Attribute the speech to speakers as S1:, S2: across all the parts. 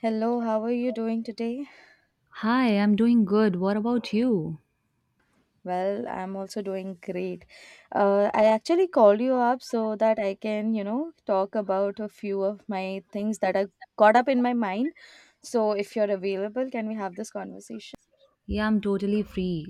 S1: Hello, how are you doing today?
S2: Hi, I'm doing good. What about you?
S1: Well, I'm also doing great. I actually called you up so that I can, you know, talk about a few of my things that are caught up in my mind. So, if you're available, can we have this conversation?
S2: Yeah, I'm totally free.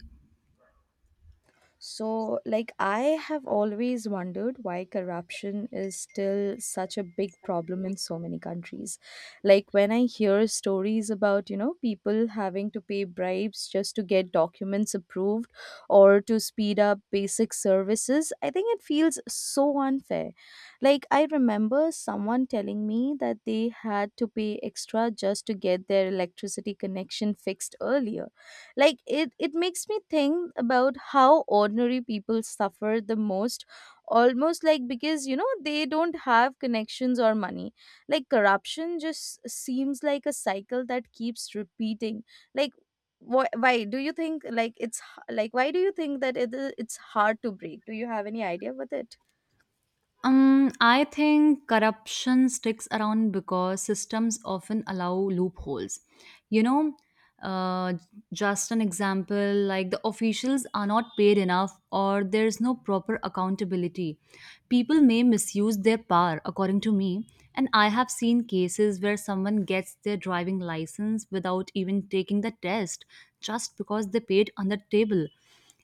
S1: So, like, I have always wondered why corruption is still such a big problem in so many countries. Like, when I hear stories about, you know, people having to pay bribes just to get documents approved or to speed up basic services, I think it feels so unfair. Like, I remember someone telling me that they had to pay extra just to get their electricity connection fixed earlier. Like it makes me think about how ordinary people suffer the most, almost like because, you know, they don't have connections or money. Like corruption just seems like a cycle that keeps repeating. Like why, why do you think, like why do you think that it's hard to break? Do you have any idea with it?
S2: I think corruption sticks around because systems often allow loopholes. You know, uh, Just an example, like the officials are not paid enough or there's no proper accountability. People may misuse their power, according to me, and I have seen cases where someone gets their driving license without even taking the test just because they paid on the table.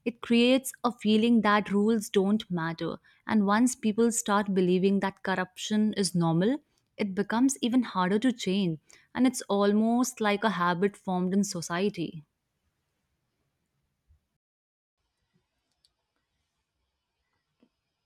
S2: It creates a feeling that rules don't matter, and once people start believing that corruption is normal, it becomes even harder to change, and it's almost like a habit formed in society.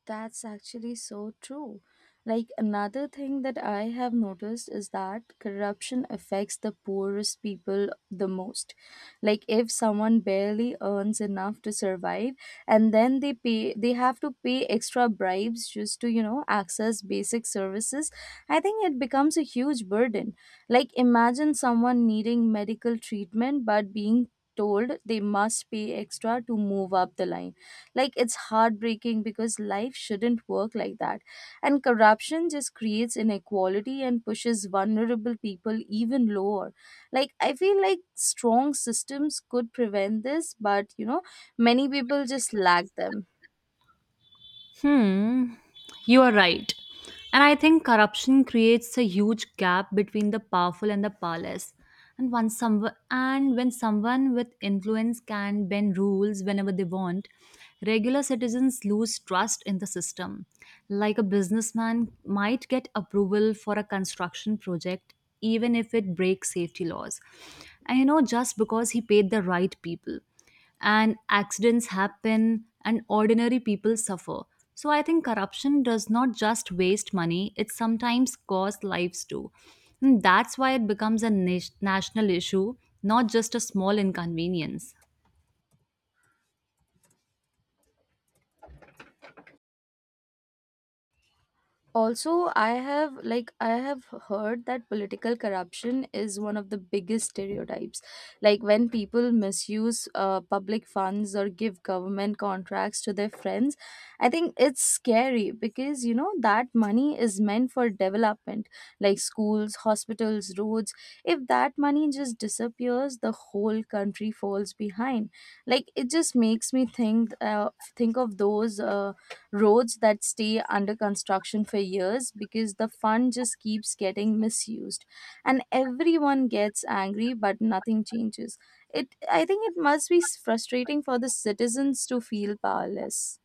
S1: That's actually so true. Like another thing that I have noticed is that corruption affects the poorest people the most. Like if someone barely earns enough to survive and then they have to pay extra bribes just to, you know, access basic services, I think it becomes a huge burden. Like imagine someone needing medical treatment but being told they must pay extra to move up the line. Like it's heartbreaking because life shouldn't work like that. And corruption just creates inequality and pushes vulnerable people even lower. Like I feel like strong systems could prevent this, but you know, many people just lack them.
S2: Hmm, you are right. And I think corruption creates a huge gap between the powerful and the powerless. And when someone with influence can bend rules whenever they want, regular citizens lose trust in the system. Like a businessman might get approval for a construction project even if it breaks safety laws. And you know, just because he paid the right people, and accidents happen and ordinary people suffer. So I think corruption does not just waste money, it sometimes costs lives too. And that's why it becomes a national issue, not just a small inconvenience.
S1: Also, I have heard that political corruption is one of the biggest stereotypes. Like when people misuse public funds or give government contracts to their friends, I think it's scary because you know that money is meant for development, like schools, hospitals, roads. If that money just disappears, the whole country falls behind. Like it just makes me think of those roads that stay under construction for years because the fund just keeps getting misused, and everyone gets angry but nothing changes. It i think it must be frustrating for the citizens to feel powerless.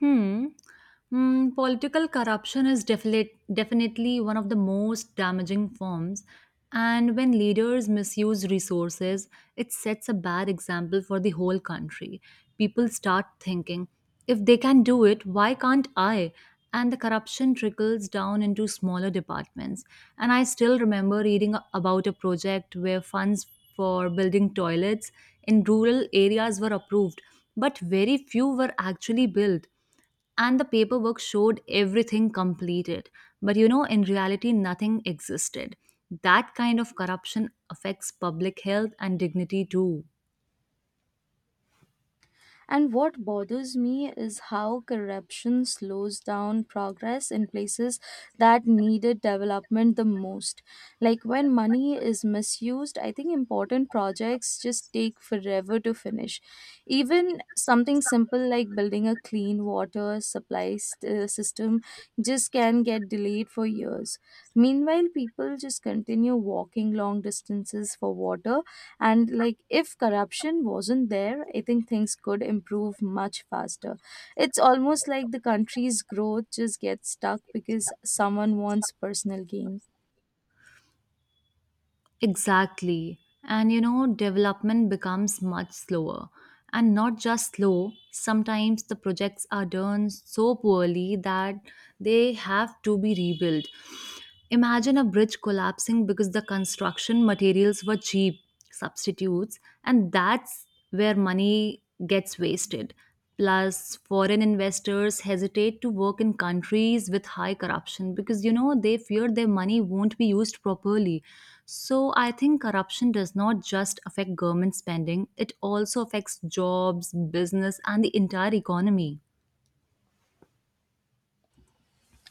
S2: Hmm. Mm, political corruption is definitely one of the most damaging forms. And when leaders misuse resources, it sets a bad example for the whole country. People start thinking, if they can do it, why can't I? And the corruption trickles down into smaller departments. And I still remember reading about a project where funds for building toilets in rural areas were approved, but very few were actually built, and the paperwork showed everything completed. But you know, in reality, nothing existed. That kind of corruption affects public health and dignity too.
S1: And what bothers me is how corruption slows down progress in places that needed development the most. Like when money is misused, I think important projects just take forever to finish. Even something simple like building a clean water supply system just can get delayed for years. Meanwhile, people just continue walking long distances for water. And like if corruption wasn't there, I think things could improve much faster. It's almost like the country's growth just gets stuck because someone wants personal gain.
S2: Exactly. And you know, development becomes much slower. And not just slow, sometimes the projects are done so poorly that they have to be rebuilt. Imagine a bridge collapsing because the construction materials were cheap substitutes, and that's where money gets wasted. Plus, foreign investors hesitate to work in countries with high corruption because you know they fear their money won't be used properly. So, I think corruption does not just affect government spending, it also affects jobs, business, and the entire economy.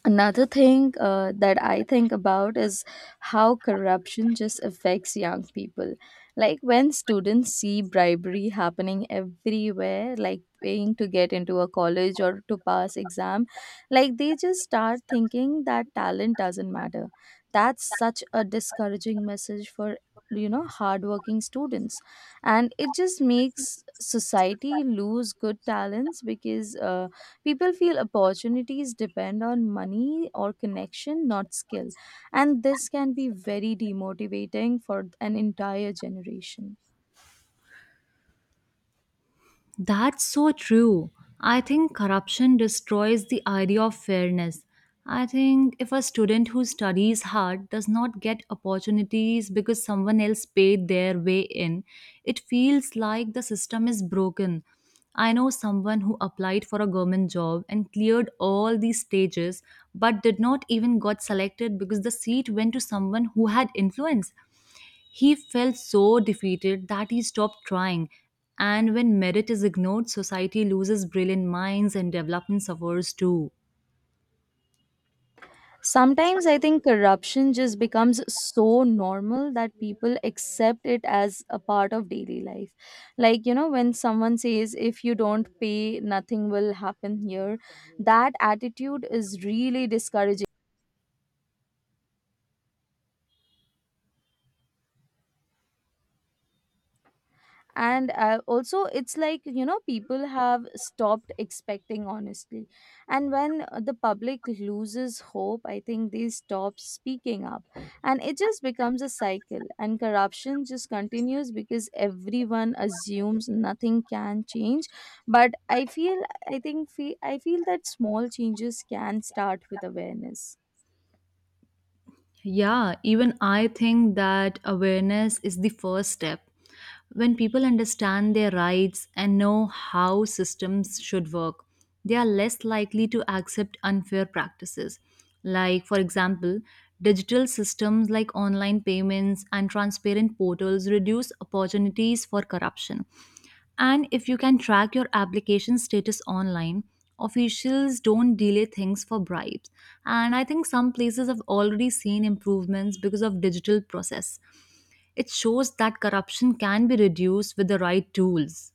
S1: Another thing that I think about is how corruption just affects young people. Like when students see bribery happening everywhere, like paying to get into a college or to pass exam, like they just start thinking that talent doesn't matter. That's such a discouraging message for, you know, hardworking students, and it just makes society lose good talents because people feel opportunities depend on money or connection, not skill, and this can be very demotivating for an entire generation.
S2: That's so true. I think corruption destroys the idea of fairness. I think if a student who studies hard does not get opportunities because someone else paid their way in, it feels like the system is broken. I know someone who applied for a government job and cleared all these stages but did not even got selected because the seat went to someone who had influence. He felt so defeated that he stopped trying. And when merit is ignored, society loses brilliant minds and development suffers too.
S1: Sometimes I think corruption just becomes so normal that people accept it as a part of daily life. Like, you know, when someone says, if you don't pay, nothing will happen here, that attitude is really discouraging. And also it's like, you know, people have stopped expecting honestly, and when the public loses hope, I think they stop speaking up, and it just becomes a cycle and corruption just continues because everyone assumes nothing can change. But I feel, I feel that small changes can start with awareness.
S2: Yeah, even I think that awareness is the first step. When people understand their rights and know how systems should work, they are less likely to accept unfair practices. Like, for example, digital systems like online payments and transparent portals reduce opportunities for corruption. And if you can track your application status online, officials don't delay things for bribes. And I think some places have already seen improvements because of digital process. It shows that corruption can be reduced with the right tools.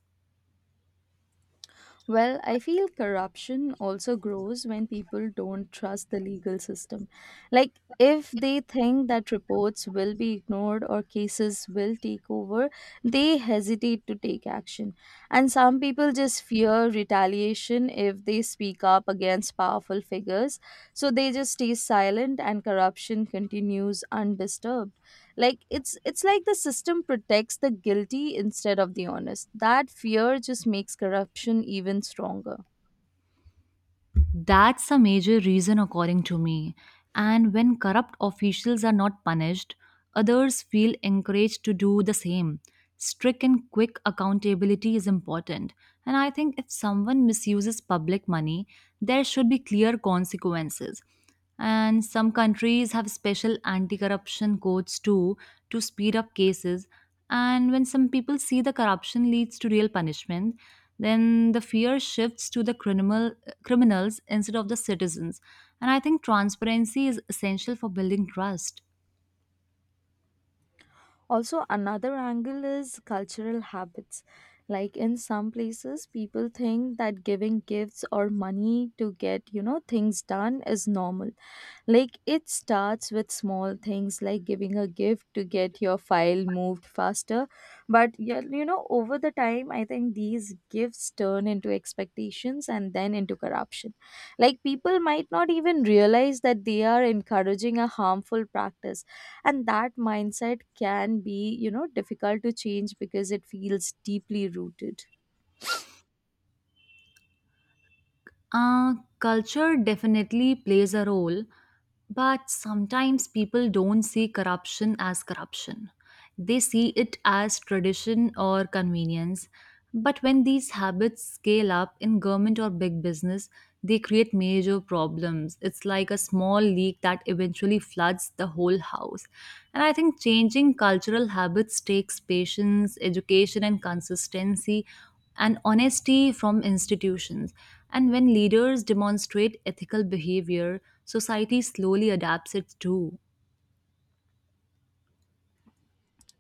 S1: Well, I feel corruption also grows when people don't trust the legal system. Like, if they think that reports will be ignored or cases will take over, they hesitate to take action. And some people just fear retaliation if they speak up against powerful figures. So they just stay silent and corruption continues undisturbed. It's like the system protects the guilty instead of the honest. That fear just makes corruption even stronger.
S2: That's a major reason, according to me. And when corrupt officials are not punished, others feel encouraged to do the same. Strict and quick accountability is important. And I think if someone misuses public money, there should be clear consequences. And some countries have special anti corruption codes too to speed up cases. And when some people see the corruption leads to real punishment, then the fear shifts to the criminals instead of the citizens. And I think transparency is essential for building trust.
S1: Also, another angle is cultural habits. Like in some places, people think that giving gifts or money to get, you know, things done is normal. Like it starts with small things like giving a gift to get your file moved faster. But, yeah, you know, over the time, I think these gifts turn into expectations and then into corruption. Like people might not even realize that they are encouraging a harmful practice, and that mindset can be, you know, difficult to change because it feels deeply rooted.
S2: Culture definitely plays a role, but sometimes people don't see corruption as corruption. They see it as tradition or convenience. But when these habits scale up in government or big business, they create major problems. It's like a small leak that eventually floods the whole house. And I think changing cultural habits takes patience, education, and consistency and honesty from institutions. And when leaders demonstrate ethical behavior, society slowly adapts it too.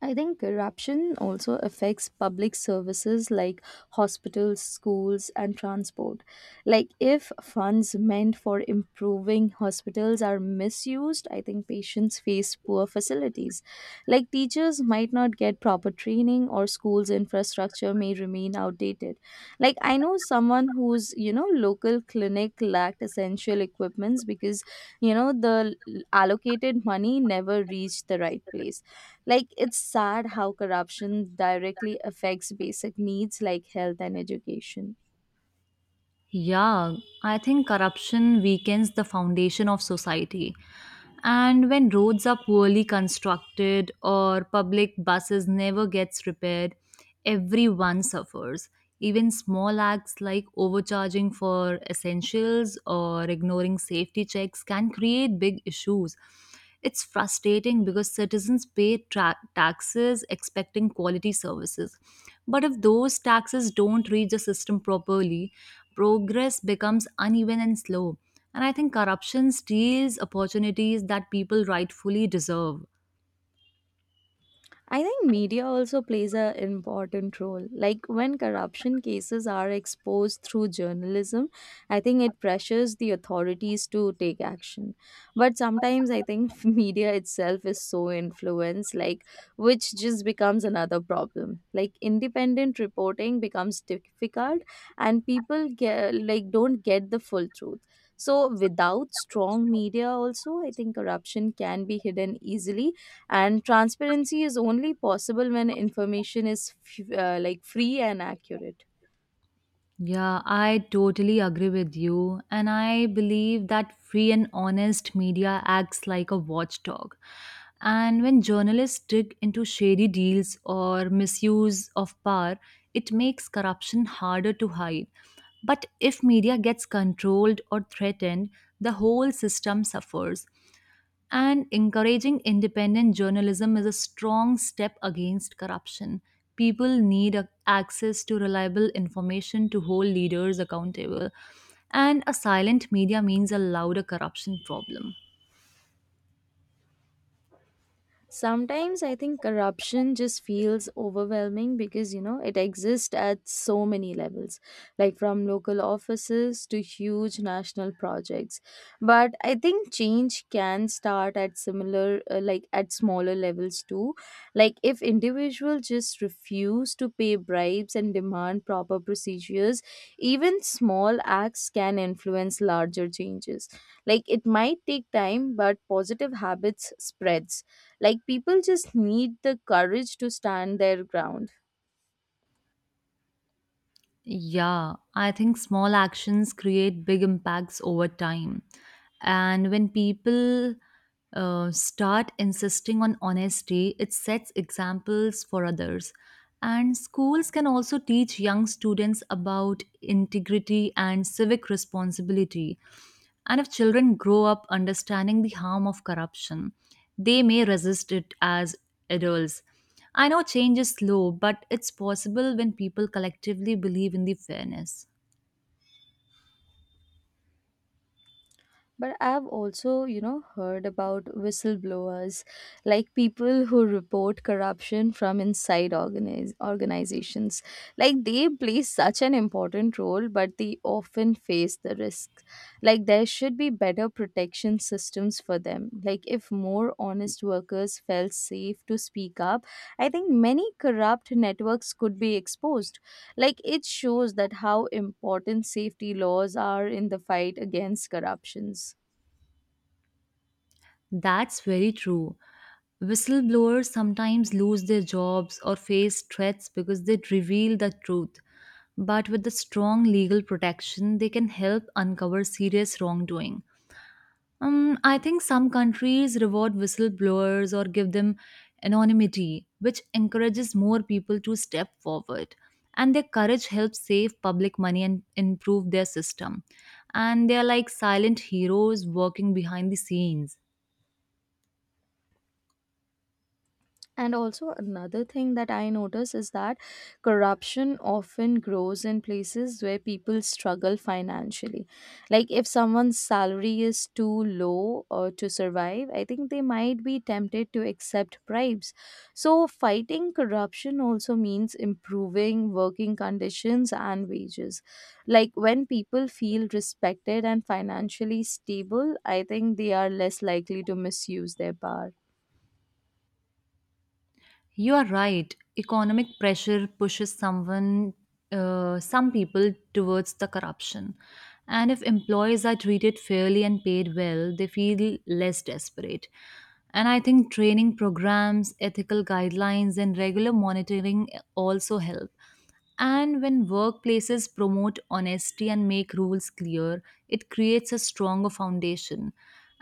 S1: I think corruption also affects public services like hospitals, schools, and transport. Like, if funds meant for improving hospitals are misused, I think patients face poor facilities. Like, teachers might not get proper training, or schools' infrastructure may remain outdated. Like, I know someone whose, you know, local clinic lacked essential equipments because, you know, the allocated money never reached the right place. Like, it's sad how corruption directly affects basic needs like health and education.
S2: Yeah, I think corruption weakens the foundation of society. And when roads are poorly constructed or public buses never gets repaired, everyone suffers. Even small acts like overcharging for essentials or ignoring safety checks can create big issues. It's frustrating because citizens pay taxes expecting quality services. But if those taxes don't reach the system properly, progress becomes uneven and slow. And I think corruption steals opportunities that people rightfully deserve.
S1: I think media also plays an important role. Like when corruption cases are exposed through journalism, I think it pressures the authorities to take action. But sometimes I think media itself is so influenced, like which just becomes another problem. Like independent reporting becomes difficult, and people get like don't get the full truth. So without strong media, also I think corruption can be hidden easily, and transparency is only possible when information is like free and accurate.
S2: Yeah, I totally agree with you. And I believe that free and honest media acts like a watchdog. And when journalists dig into shady deals or misuse of power, it makes corruption harder to hide. But if media gets controlled or threatened, the whole system suffers. And encouraging independent journalism is a strong step against corruption. People need access to reliable information to hold leaders accountable. And a silent media means a louder corruption problem.
S1: Sometimes I think corruption just feels overwhelming because, you know, it exists at so many levels, like from local offices to huge national projects. But I think change can start at like at smaller levels too. Like if individuals just refuse to pay bribes and demand proper procedures, even small acts can influence larger changes. Like it might take time, but positive habits spreads. Like people just need the courage to stand their ground.
S2: Yeah, I think small actions create big impacts over time. And when people start insisting on honesty, it sets examples for others. And schools can also teach young students about integrity and civic responsibility. And if children grow up understanding the harm of corruption, they may resist it as adults. I know change is slow, but it's possible when people collectively believe in the fairness.
S1: But I've also, you know, heard about whistleblowers, like people who report corruption from inside organizations. Like they play such an important role, but they often face the risks. Like there should be better protection systems for them. Like if more honest workers felt safe to speak up, I think many corrupt networks could be exposed. Like it shows that how important safety laws are in the fight against corruptions.
S2: That's very true. Whistleblowers sometimes lose their jobs or face threats because they reveal the truth. But with the strong legal protection, they can help uncover serious wrongdoing. I think some countries reward whistleblowers or give them anonymity, which encourages more people to step forward. And their courage helps save public money and improve their system. And they are like silent heroes working behind the scenes.
S1: And also, another thing that I notice is that corruption often grows in places where people struggle financially. Like, if someone's salary is too low or to survive, I think they might be tempted to accept bribes. So, fighting corruption also means improving working conditions and wages. Like, when people feel respected and financially stable, I think they are less likely to misuse their power.
S2: You are right. Economic pressure pushes some people towards the corruption. And if employees are treated fairly and paid well, they feel less desperate. And I think training programs, ethical guidelines, and regular monitoring also help. And when workplaces promote honesty and make rules clear, it creates a stronger foundation.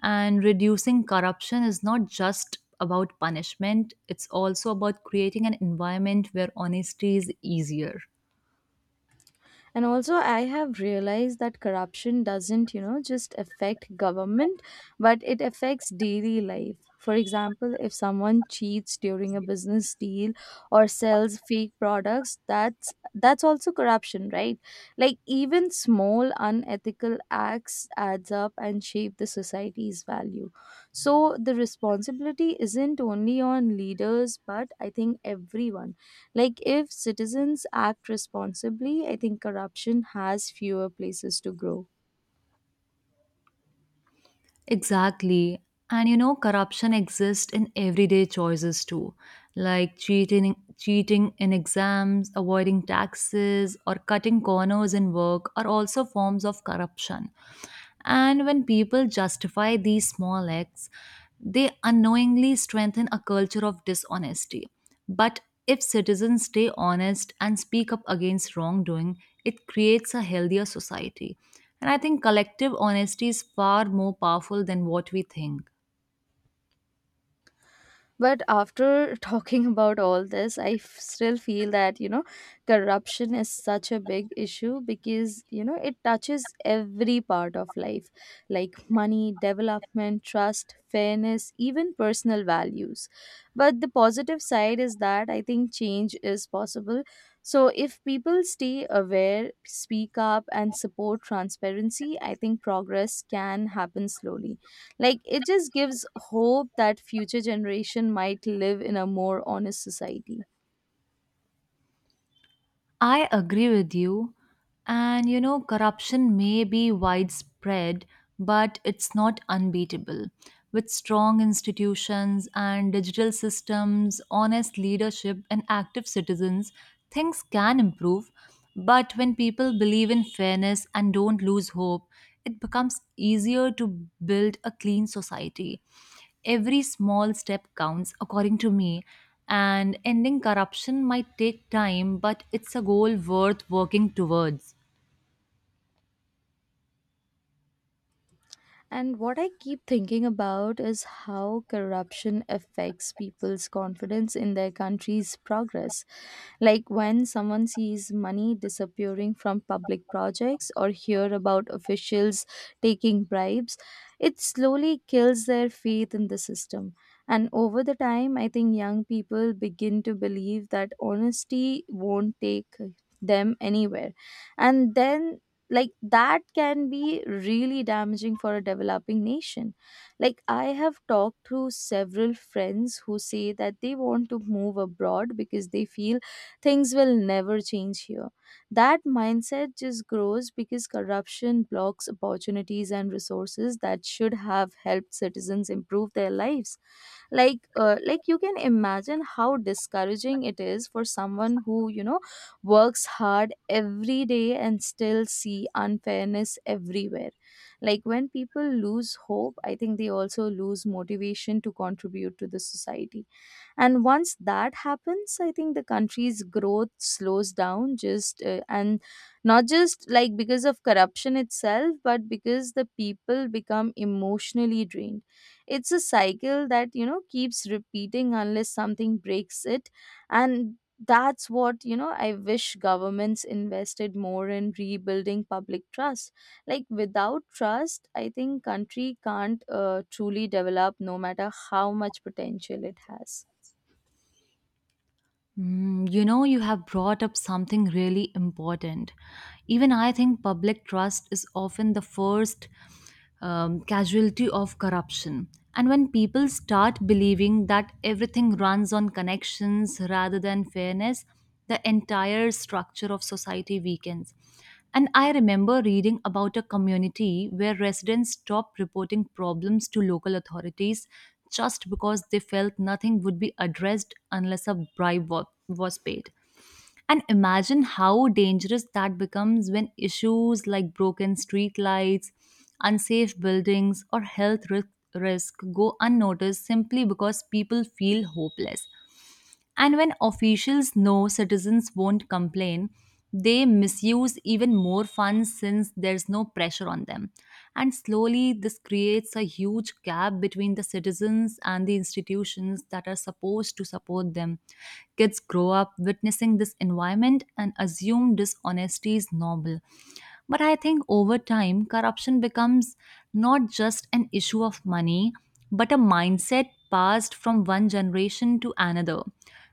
S2: And reducing corruption is not just about punishment, it's also about creating an environment where honesty is easier.
S1: And also I have realized that corruption doesn't, you know, just affect government, but it affects daily life. For example, if someone cheats during a business deal or sells fake products, that's also corruption, right? Like even small unethical acts adds up and shape the society's value. So the responsibility isn't only on leaders, but I think everyone. Like, if citizens act responsibly, I think corruption has fewer places to grow.
S2: Exactly. And you know, corruption exists in everyday choices too, like cheating in exams, avoiding taxes, or cutting corners in work are also forms of corruption. And when people justify these small acts, they unknowingly strengthen a culture of dishonesty. But if citizens stay honest and speak up against wrongdoing, it creates a healthier society. And I think collective honesty is far more powerful than what we think.
S1: But after talking about all this, I still feel that, you know, corruption is such a big issue because, you know, it touches every part of life, like money, development, trust, fairness, even personal values. But the positive side is that I think change is possible. So if people stay aware, speak up, and support transparency, I think progress can happen slowly. Like it just gives hope that future generation might live in a more honest society.
S2: I agree with you. And you know, corruption may be widespread, but it's not unbeatable. With strong institutions and digital systems, honest leadership, and active citizens, things can improve. But when people believe in fairness and don't lose hope, it becomes easier to build a clean society. Every small step counts, according to me, and ending corruption might take time, but it's a goal worth working towards.
S1: And what I keep thinking about is how corruption affects people's confidence in their country's progress. Like when someone sees money disappearing from public projects or hear about officials taking bribes, it slowly kills their faith in the system. And over the time, I think young people begin to believe that honesty won't take them anywhere. And then like that can be really damaging for a developing nation. Like I have talked to several friends who say that they want to move abroad because they feel things will never change here. That mindset just grows because corruption blocks opportunities and resources that should have helped citizens improve their lives. Like like you can imagine how discouraging it is for someone who, you know, works hard every day and still see unfairness everywhere. Like when people lose hope, I think they also lose motivation to contribute to the society, and once that happens, I think the country's growth slows down just and not just like because of corruption itself, but because the people become emotionally drained. It's a cycle that you know keeps repeating unless something breaks it. And that's what, you know, I wish governments invested more in rebuilding public trust. Like without trust, I think country can't truly develop, no matter how much potential it has.
S2: Mm, you know, you have brought up something really important. Even I think public trust is often the first casualty of corruption. And when people start believing that everything runs on connections rather than fairness, the entire structure of society weakens. And I remember reading about a community where residents stopped reporting problems to local authorities just because they felt nothing would be addressed unless a bribe was paid. And imagine how dangerous that becomes when issues like broken streetlights, unsafe buildings, or risk go unnoticed simply because people feel hopeless. And when officials know citizens won't complain, they misuse even more funds since there's no pressure on them. And slowly, this creates a huge gap between the citizens and the institutions that are supposed to support them. Kids grow up witnessing this environment and assume dishonesty is normal. But I think over time, corruption becomes not just an issue of money, but a mindset passed from one generation to another.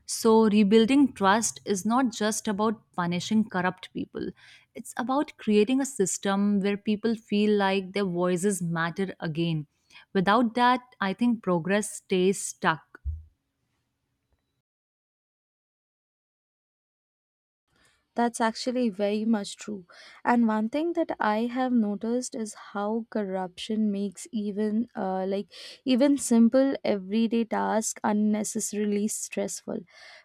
S2: So, rebuilding trust is not just about punishing corrupt people, it's about creating a system where people feel like their voices matter again. Without that, I think progress stays stuck.
S1: That's actually very much true. And one thing that I have noticed is how corruption makes even even simple everyday tasks unnecessarily stressful.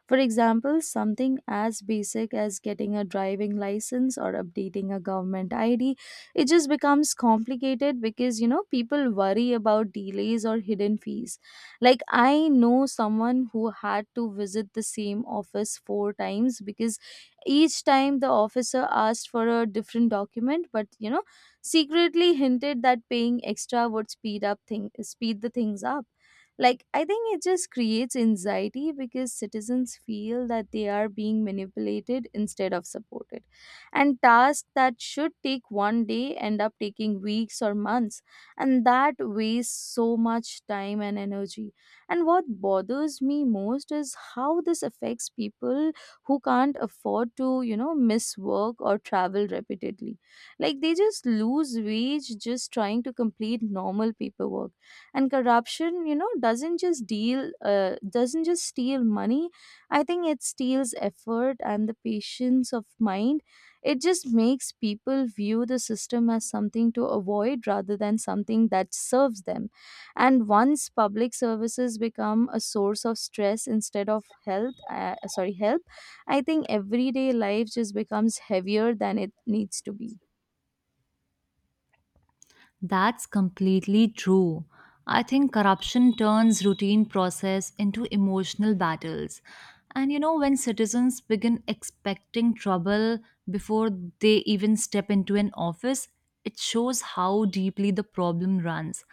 S1: For example, something as basic as getting a driving license or updating a government ID, it just becomes complicated because you know people worry about delays or hidden fees. Like I know someone who had to visit the same office 4 times because each time the officer asked for a different document, but you know, secretly hinted that paying extra would speed up thing speed the things up. Like I think it just creates anxiety because citizens feel that they are being manipulated instead of supported. And tasks that should take 1 day end up taking weeks or months, and that wastes so much time and energy. And what bothers me most is how this affects people who can't afford to, you know, miss work or travel repeatedly. Like they just lose wage just trying to complete normal paperwork. And corruption, you know, doesn't just steal money. I think it steals effort and the patience of mind. It just makes people view the system as something to avoid rather than something that serves them. And once public services become a source of stress instead of help, I think everyday life just becomes heavier than it needs to be.
S2: That's completely true. I think corruption turns routine process into emotional battles. And you know, when citizens begin expecting trouble before they even step into an office, it shows how deeply the problem runs.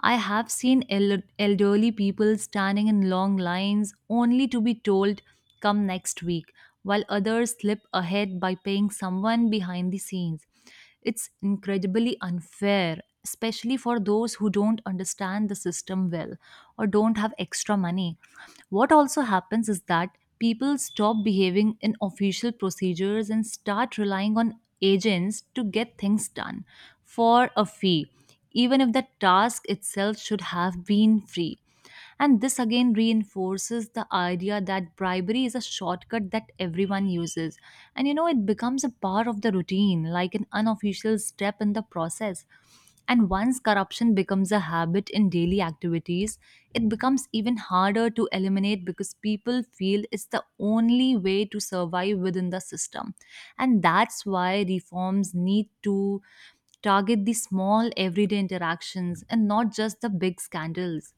S2: I have seen elderly people standing in long lines only to be told, come next week, while others slip ahead by paying someone behind the scenes. It's incredibly unfair, especially for those who don't understand the system well or don't have extra money. What also happens is that people stop behaving in official procedures and start relying on agents to get things done for a fee, even if the task itself should have been free. And this again reinforces the idea that bribery is a shortcut that everyone uses. And you know, it becomes a part of the routine, like an unofficial step in the process. And once corruption becomes a habit in daily activities, it becomes even harder to eliminate because people feel it's the only way to survive within the system. And that's why reforms need to target the small everyday interactions and not just the big scandals.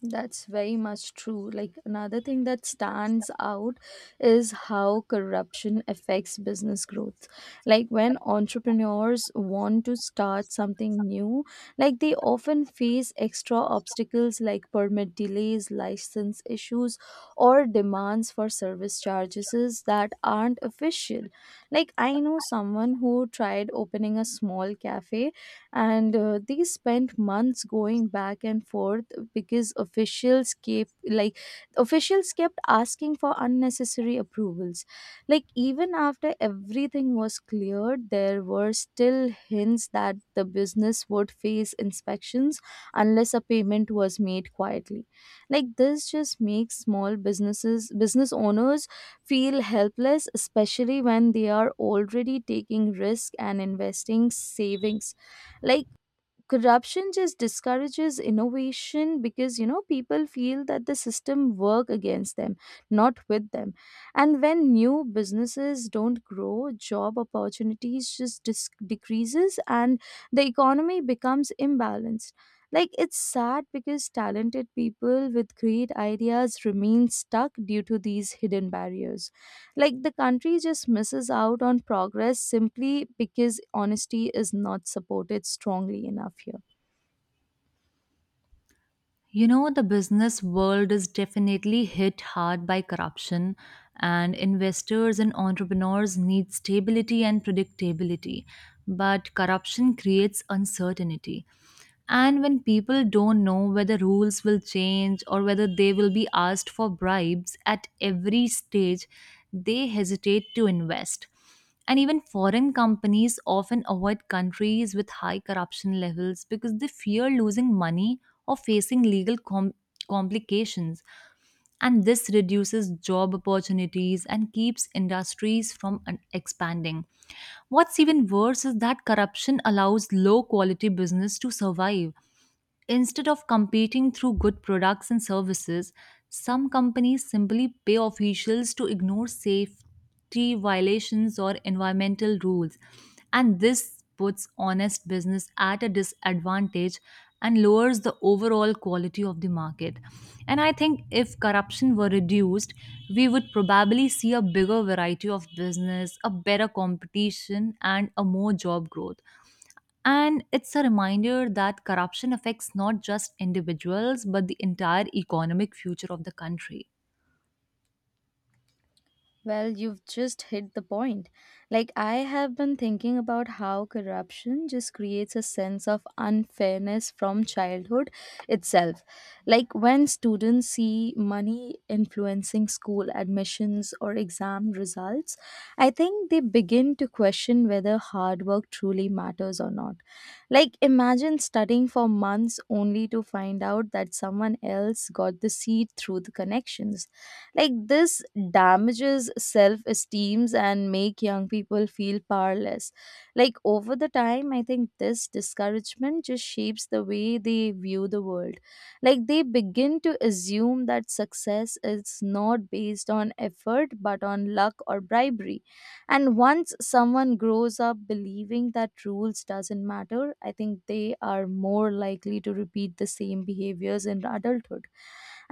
S1: That's very much true. Like another thing that stands out is how corruption affects business growth. Like when entrepreneurs want to start something new, like they often face extra obstacles like permit delays, license issues, or demands for service charges that aren't official. Like I know someone who tried opening a small cafe and they spent months going back and forth because officials kept asking for unnecessary approvals. Like even after everything was cleared, there were still hints that the business would face inspections unless a payment was made quietly. Like this just makes small businesses business owners feel helpless, especially when they are already taking risk and investing savings. Like corruption just discourages innovation because you know people feel that the system work against them, not with them. And when new businesses don't grow, job opportunities just decreases, and the economy becomes imbalanced. Like it's sad because talented people with great ideas remain stuck due to these hidden barriers. Like the country just misses out on progress simply because honesty is not supported strongly enough here.
S2: You know, the business world is definitely hit hard by corruption, and investors and entrepreneurs need stability and predictability. But corruption creates uncertainty. And when people don't know whether rules will change or whether they will be asked for bribes at every stage, they hesitate to invest. And even foreign companies often avoid countries with high corruption levels because they fear losing money or facing legal complications. And this reduces job opportunities and keeps industries from expanding. What's even worse is that corruption allows low quality business to survive. Instead of competing through good products and services, some companies simply pay officials to ignore safety violations or environmental rules. And this puts honest business at a disadvantage and lowers the overall quality of the market. And I think if corruption were reduced, we would probably see a bigger variety of business, a better competition, and a more job growth. And it's a reminder that corruption affects not just individuals, but the entire economic future of the country.
S1: Well, you've just hit the point. Like, I have been thinking about how corruption just creates a sense of unfairness from childhood itself. Like, when students see money influencing school admissions or exam results, I think they begin to question whether hard work truly matters or not. Like, imagine studying for months only to find out that someone else got the seat through the connections. Like this damages self esteems and make young people feel powerless. Like over the time, I think this discouragement just shapes the way they view the world. Like they begin to assume that success is not based on effort but on luck or bribery. And once someone grows up believing that rules doesn't matter, I think they are more likely to repeat the same behaviors in adulthood.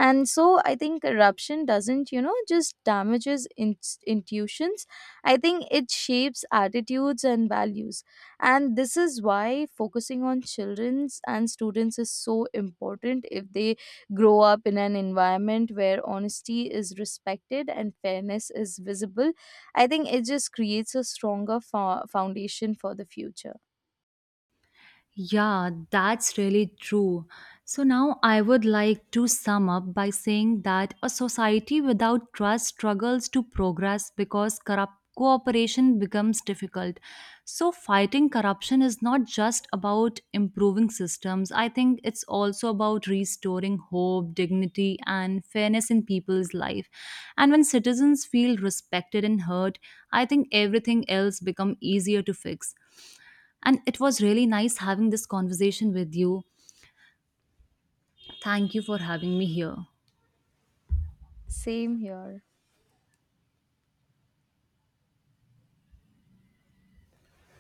S1: And so I think corruption doesn't, you know, just damages intuitions. I think it shapes attitudes and values. And this is why focusing on children's and students is so important. If they grow up in an environment where honesty is respected and fairness is visible, I think it just creates a stronger foundation for the future.
S2: Yeah, that's really true. So now I would like to sum up by saying that a society without trust struggles to progress because corrupt cooperation becomes difficult. So fighting corruption is not just about improving systems. I think it's also about restoring hope, dignity and fairness in people's life. And when citizens feel respected and heard, I think everything else become easier to fix. And it was really nice having this conversation with you. Thank you for having me here.
S1: Same here.